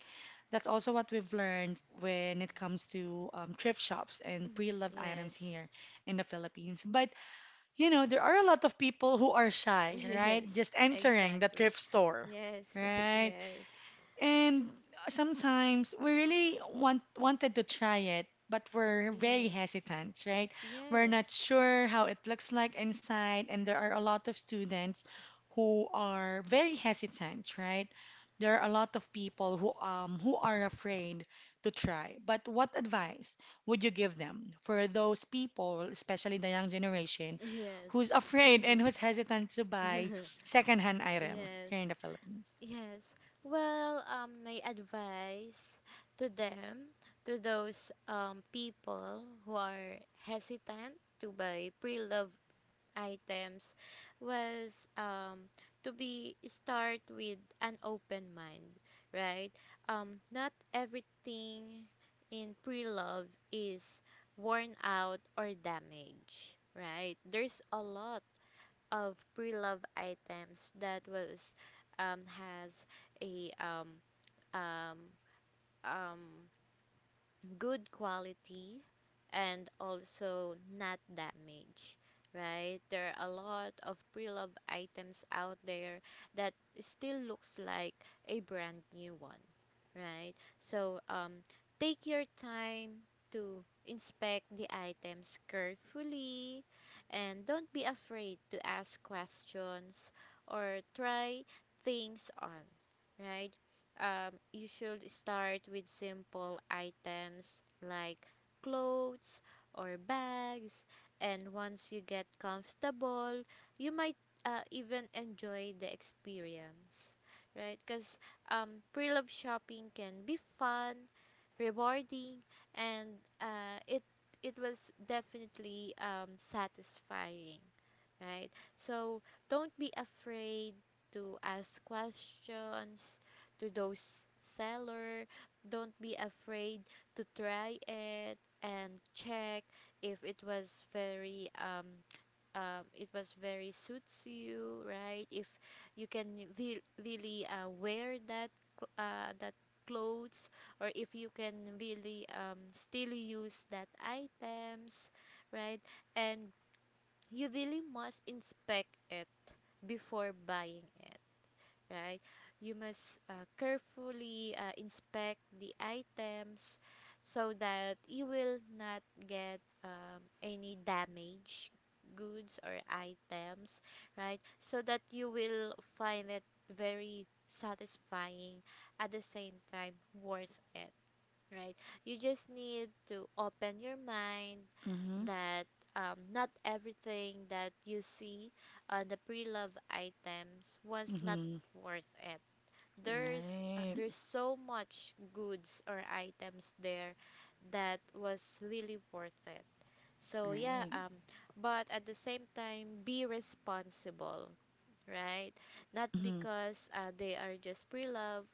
S1: that's also what we've learned when it comes to thrift shops and
S2: Mm-hmm.
S1: pre-loved
S2: Yes.
S1: items here in the Philippines. But, you know, there are a lot of people who are shy, right?
S2: Yes,
S1: Just entering the
S2: exactly.
S1: thrift store.
S2: Yes.
S1: Right.
S2: Yes.
S1: And sometimes we really wanted to try it, but we're very
S2: Yes.
S1: hesitant, right? We're not
S2: Yes.
S1: sure how it looks like inside, and there are a lot of students who are very hesitant, right? There are a lot of people who are afraid to try. But what advice would you give them for those people, especially the young generation,
S2: Yes.
S1: who's afraid and who's hesitant to buy
S2: Mm-hmm.
S1: secondhand items
S2: Yes.
S1: here in the Philippines?
S2: Yes. Well, my advice to them, to those people who are hesitant to buy pre-loved items was to be start with an open mind, right? Not everything in pre-love is worn out or damaged, right? There's a lot of pre-love items that was has a um, um, good quality and also not damaged, right. There are a lot of pre-love items out there that still looks like a brand new one, right. So take your time to inspect the items carefully, and don't be afraid to ask questions or try things on, right. You should start with simple items like clothes or bags, and once you get comfortable, you might even enjoy the experience, right? Because pre love shopping can be fun, rewarding, and it was definitely satisfying, right? So don't be afraid to ask questions to those seller, don't be afraid to try it and check if it was very it was very suits you, right. If you can really wear that that clothes, or if you can really still use that items, right. And you really must inspect it before buying it, right? You must carefully inspect the items so that you will not get any damage goods or items, right? So that you will find it very satisfying, at the same time worth it, right? You just need to open your mind
S1: Mm-hmm.
S2: that not everything that you see on the pre-love items was not
S1: Mm-hmm.
S2: worth it.
S1: Right.
S2: There's so much goods or items there that was really worth it. So yeah,
S1: Right.
S2: but at the same time, be responsible, right? Not
S1: Mhm.
S2: because they are just pre-love,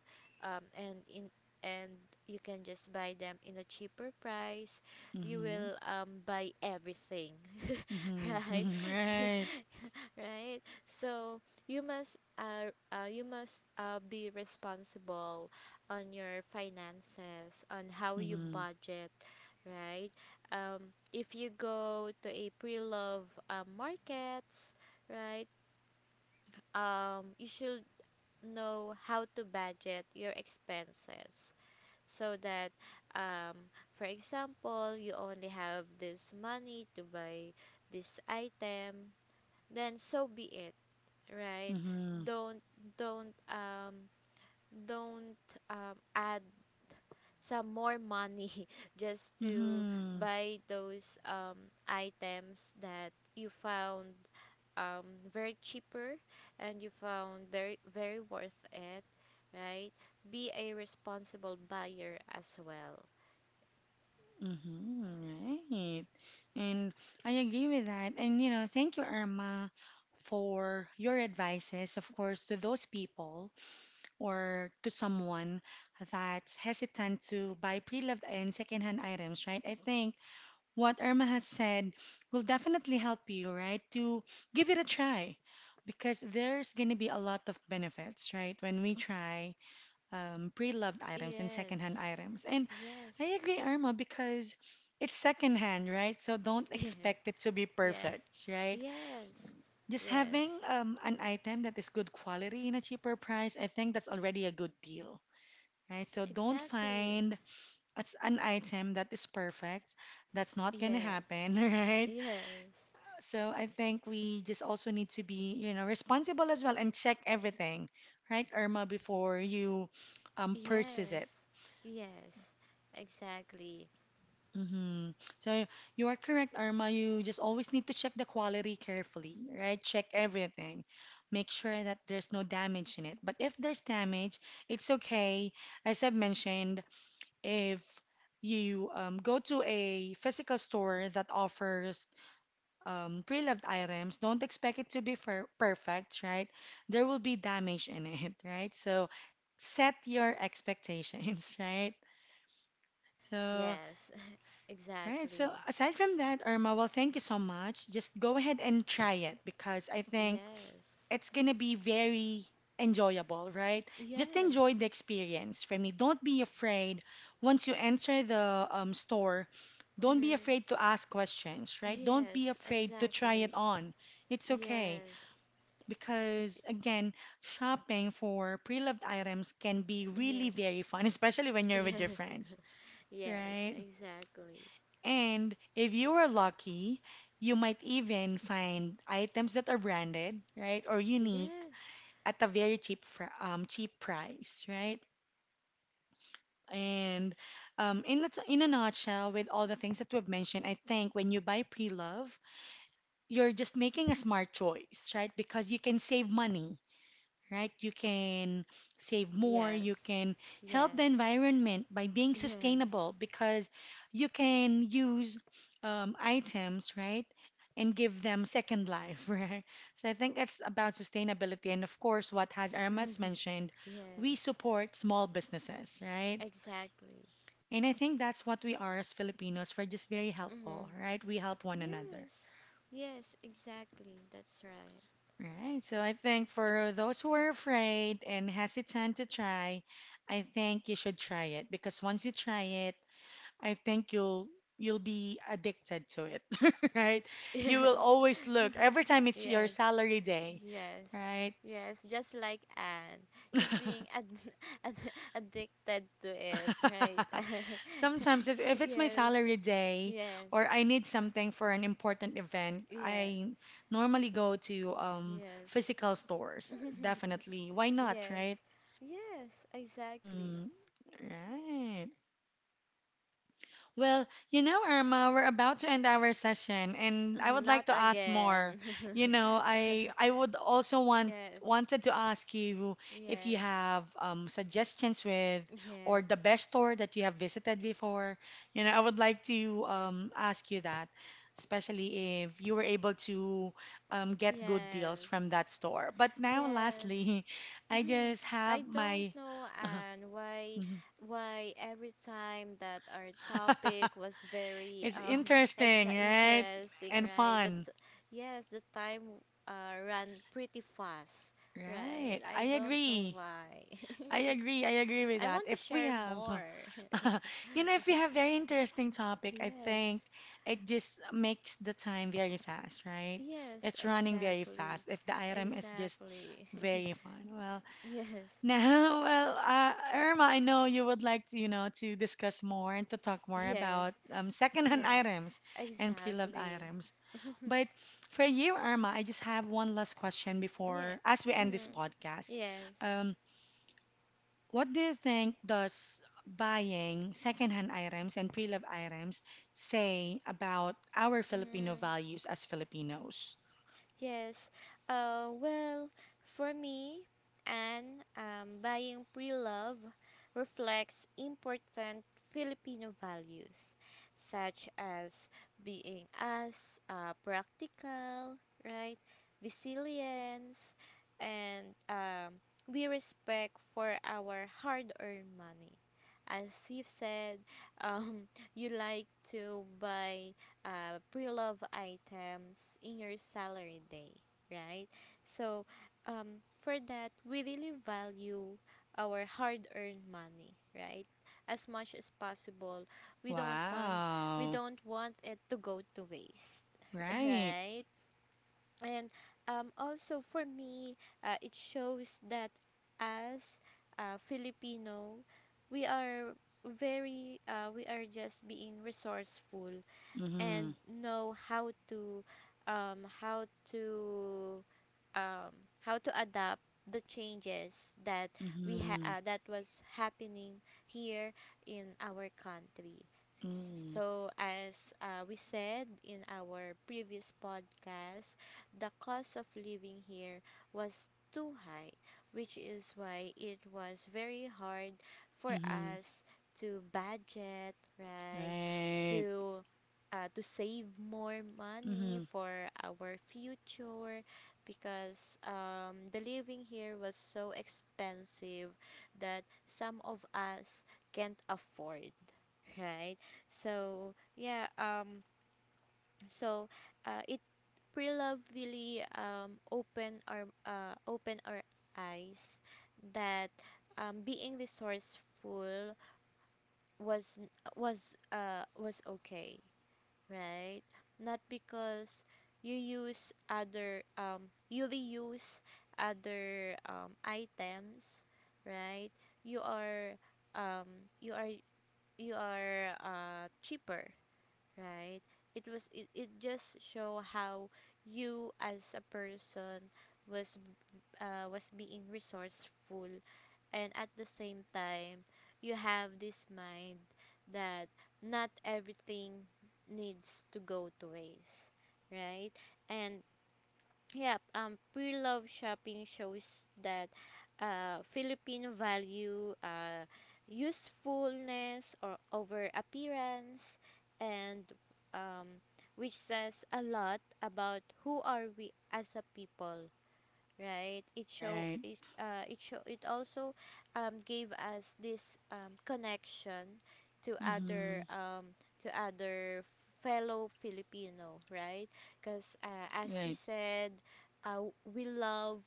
S2: um, and in and you can just buy them in a cheaper price. You
S1: Mhm.
S2: will buy everything,
S1: Mhm.
S2: right?
S1: Mhm. Right.
S2: right? So you must be responsible on your finances, on how you
S1: Mhm.
S2: budget, right? If you go to a pre-love markets, right? You should know how to budget your expenses so that um, for example you only have this money to buy this item, then so be it, right.
S1: Mhm.
S2: Don't don't um, don't um, add some more money just to
S1: Mhm.
S2: buy those items that you found um, very cheaper and you found very very worth it, right. Be a responsible buyer as well.
S1: Mhm. Right. And I agree with that. And, you know, thank you, Irma, for your advices, of course, to those people or to someone that's hesitant to buy pre-loved and secondhand items, right? I think what Irma has said will definitely help you, right? To give it a try because there's going to be a lot of benefits, right? When we try pre-loved items and secondhand
S2: Yes.
S1: items. And I
S2: Yes.
S1: agree, Irma, because it's secondhand, right? So don't expect it to be
S2: Yes.
S1: perfect, right?
S2: Yes.
S1: Just
S2: Yes,
S1: having an item that is good quality in a cheaper price, I think that's already a good deal, right? So don't
S2: exactly.
S1: find it's an item that is perfect. That's not gonna
S2: Yes.
S1: happen, right?
S2: Yes.
S1: So I think we just also need to be, you know, responsible as well and check everything, right, Irma, before you purchase
S2: Yes.
S1: it.
S2: Yes, exactly.
S1: Hmm. So you are correct, Irma. You just always need to check the quality carefully, right? Check everything. Make sure that there's no damage in it. But if there's damage, it's okay. As I've mentioned, if you go to a physical store that offers pre-loved items, don't expect it to be perfect, right? There will be damage in it, right? So set your expectations, right? So,
S2: Yes.
S1: right. So
S2: Exactly.
S1: aside from that, Irma, well, thank you so much. Just go ahead and try it because I think
S2: Yes.
S1: it's gonna be very enjoyable, right? Just enjoy
S2: Yes.
S1: the experience. For me, don't be afraid once you enter the store. Don't be
S2: Mm-hmm.
S1: afraid to ask questions, right? Don't be
S2: Yes,
S1: afraid to try
S2: exactly.
S1: it on. It's okay.
S2: Yes.
S1: Because again, shopping for pre-loved items can be really
S2: Yes.
S1: very fun, especially when you're with your
S2: Yes.
S1: friends,
S2: Yes.
S1: right?
S2: Exactly.
S1: And if you are lucky, you might even find items that are branded, right, or unique
S2: Yes.
S1: at a very cheap price, right? And in a nutshell, with all the things that we've mentioned, I think when you buy pre-love, you're just making a smart choice, right? Because you can save money, right? You can save more, you
S2: Yes.
S1: can help the
S2: Yes.
S1: environment by being
S2: Yes.
S1: sustainable because you can use items, right? And give them second life, right? So I think it's about sustainability. And of course, what Haj has Irma's mentioned, we
S2: Yes.
S1: support small businesses, right?
S2: Exactly.
S1: And I think that's what we are as Filipinos. We're just very helpful,
S2: Mm-hmm.
S1: right? We help one another.
S2: Yes. Yes. Exactly. That's right.
S1: All right, so I think for those who are afraid and hesitant to try, I think you should try it because once you try it, I think you'll be addicted to it, right? You will
S2: Yes.
S1: always look every time it's your
S2: yes.
S1: salary day,
S2: Yes.
S1: right?
S2: Yes. Just like Anne, she's being ad- addicted to it, right?
S1: Sometimes if, if it's my
S2: Yes.
S1: salary day
S2: Yes.
S1: or I need something for an important event,
S2: Yes.
S1: I normally go to
S2: Yes.
S1: physical stores,
S2: Yes.
S1: definitely. Why not,
S2: Yes.
S1: right?
S2: Yes, exactly.
S1: Mm-hmm. Right. Well, Irma, we're about to end our session, and I would
S2: Not
S1: like to ask
S2: again.
S1: more. I would also want
S2: Yes.
S1: wanted to ask you if you
S2: Yes.
S1: have suggestions with or
S2: Yes.
S1: the best store that you have visited before. I would like to ask you that, especially if you were able to get good deals
S2: Yes.
S1: from that store. But now,
S2: Yes.
S1: lastly, I
S2: Mhm.
S1: just
S2: I
S1: have
S2: don't
S1: my.
S2: know, and why every time that our topic was very
S1: It's interesting, right?
S2: interesting,
S1: And
S2: right? That
S1: fun,
S2: yes, the time ran pretty fast, right?
S1: right?
S2: I
S1: I
S2: don't know
S1: agree.
S2: why.
S1: I agree with
S2: I
S1: that.
S2: want to
S1: If we
S2: share
S1: have,
S2: more.
S1: if we have very interesting topic, I
S2: Yes.
S1: think it just makes the time very fast, right?
S2: Yes,
S1: It's running very
S2: exactly.
S1: fast. If the item is just
S2: Exactly.
S1: very fun. Well,
S2: Yes.
S1: now, well, Irma, I know you would like to, to discuss more and to talk more
S2: Yes.
S1: about secondhand
S2: Yes.
S1: items and pre-loved
S2: Exactly.
S1: items. But for you, Irma, I just have one last question
S2: Yeah.
S1: before, as we end this
S2: Mm-hmm.
S1: podcast.
S2: Yes.
S1: Um, what do you think does buying secondhand items and pre-loved items say about our Filipino
S2: Mm-hmm.
S1: values as Filipinos?
S2: Yes. Well, for me, and buying pre-love reflects important Filipino values, such as being as practical, right, resilience, and we respect for our hard-earned money. As Steve said, um, you like to buy pre-love items in your salary day, right? So, for that, we really value our hard-earned money, right? As much as possible, we don't want we
S1: Wow.
S2: don't want it to go to waste,
S1: Right.
S2: right? And also for me, it shows that as Filipino, we are very we are just being resourceful
S1: Mm-hmm.
S2: and know how to um, how to um, how to adapt the changes that
S1: Mm-hmm.
S2: that was happening here in our country.
S1: Mm-hmm.
S2: So as we said in our previous podcast, the cost of living here was too high, which is why it was very hard for
S1: Mm-hmm.
S2: us to budget, right?
S1: Right.
S2: To to save more
S1: Mm-hmm.
S2: money for our future, because the living here was so expensive that some of us can't afford, right. So yeah, so it prelovely open our eyes that being resourceful was was okay, right? Not because you reuse other items, right? You are um you are you are cheaper, right? It just show how you as a person was was being resourceful, and at the same time you have this mind that not everything needs to go to waste, right. And yeah, pure love shopping shows that Filipino value usefulness or over appearance, and um which says a lot about who are we as a people, right. it show
S1: Right.
S2: it uh it show it also gave us this connection to
S1: Mm-hmm.
S2: other um to other fellow Filipino, right. Because as we
S1: Right.
S2: said uh, we love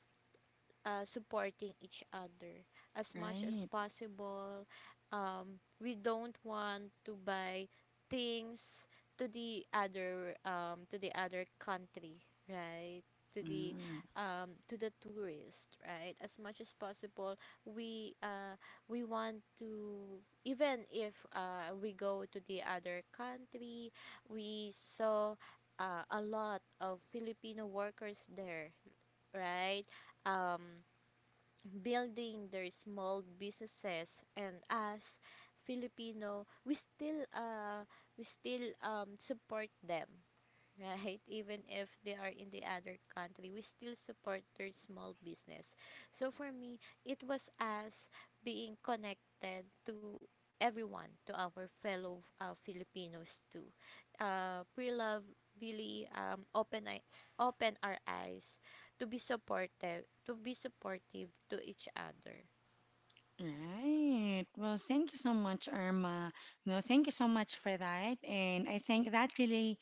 S2: supporting each other as much as
S1: Right.
S2: possible. We don't want to buy things to the other country, right? To the
S1: Mm.
S2: to the tourist, right? As much as possible, we uh, we want to. Even if we go to the other country, we saw a lot of Filipino workers there, right? Um, Building their small businesses, and as Filipino we still support them, right? Even if they are in the other country, we still support their small business. So for me, it was us being connected to everyone, to our fellow Filipinos too. Pre-Love really open, open our eyes to be supportive, to be supportive to each other.
S1: Right. Well, thank you so much, Irma. No, thank you so much for that. And I think that really,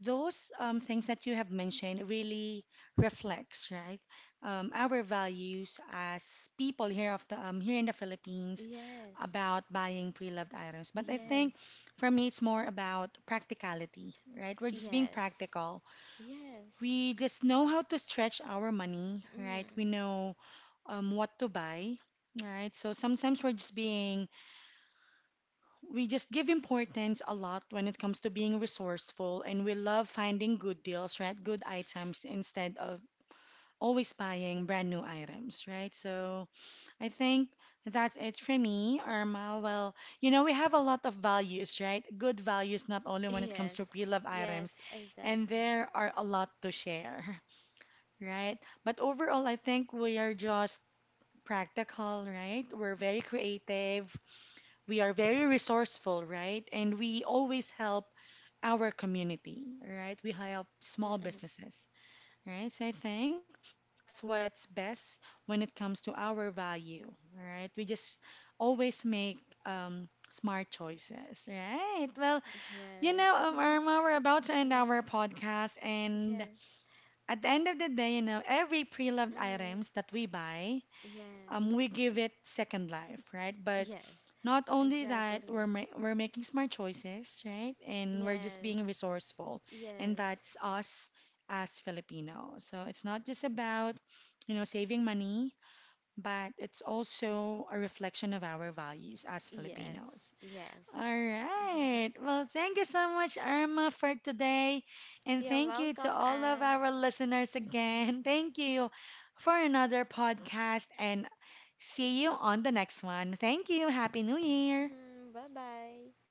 S1: those things that you have mentioned really reflects, right? Our values as people here of the here in the Philippines
S2: Yes,
S1: about buying pre-loved items. But I think
S2: yes,
S1: for me, it's more about practicality, right? We're just being
S2: yes,
S1: practical.
S2: yes.
S1: We just know how to stretch our money, right? We
S2: Mm.
S1: know what to buy, right? So sometimes we just give importance a lot when it comes to being resourceful and we love finding good deals, right? Good items instead of always buying brand new items, right? So I think that's it for me, Irma. Well, we have a lot of values, right? Good values, not only when it comes to
S2: Yes,
S1: pre-loved items,
S2: yes,
S1: and
S2: exactly.
S1: there are a lot to share, right? But overall, I think we are just practical, right? We're very creative. We are very resourceful, right? And we always help our community, right? We help small
S2: Mm-mm.
S1: businesses, right? So I think that's what's best when it comes to our value, right? We just always make smart choices, right? Well,
S2: Yes.
S1: Irma, we're about to end
S2: Yes.
S1: our podcast, and
S2: Yes.
S1: at the end of the day, every pre-loved items
S2: Mm.
S1: that we buy
S2: Yes.
S1: we give it second life, right? But
S2: Yes.
S1: not only that,
S2: Exactly.
S1: we're making smart choices, right? And we're just being
S2: Yes.
S1: resourceful, and
S2: Yes.
S1: that's us as Filipinos. So it's not just about, saving money, but it's also a reflection of our values as Filipinos.
S2: Yes.
S1: All
S2: Yes.
S1: right. Well, thank you so much, Irma, for today. And
S2: You're
S1: thank you to
S2: welcome,
S1: all of
S2: Anne.
S1: our listeners again. Thank you for another podcast and see you on the next one. Thank you. Happy New Year.
S2: Bye bye.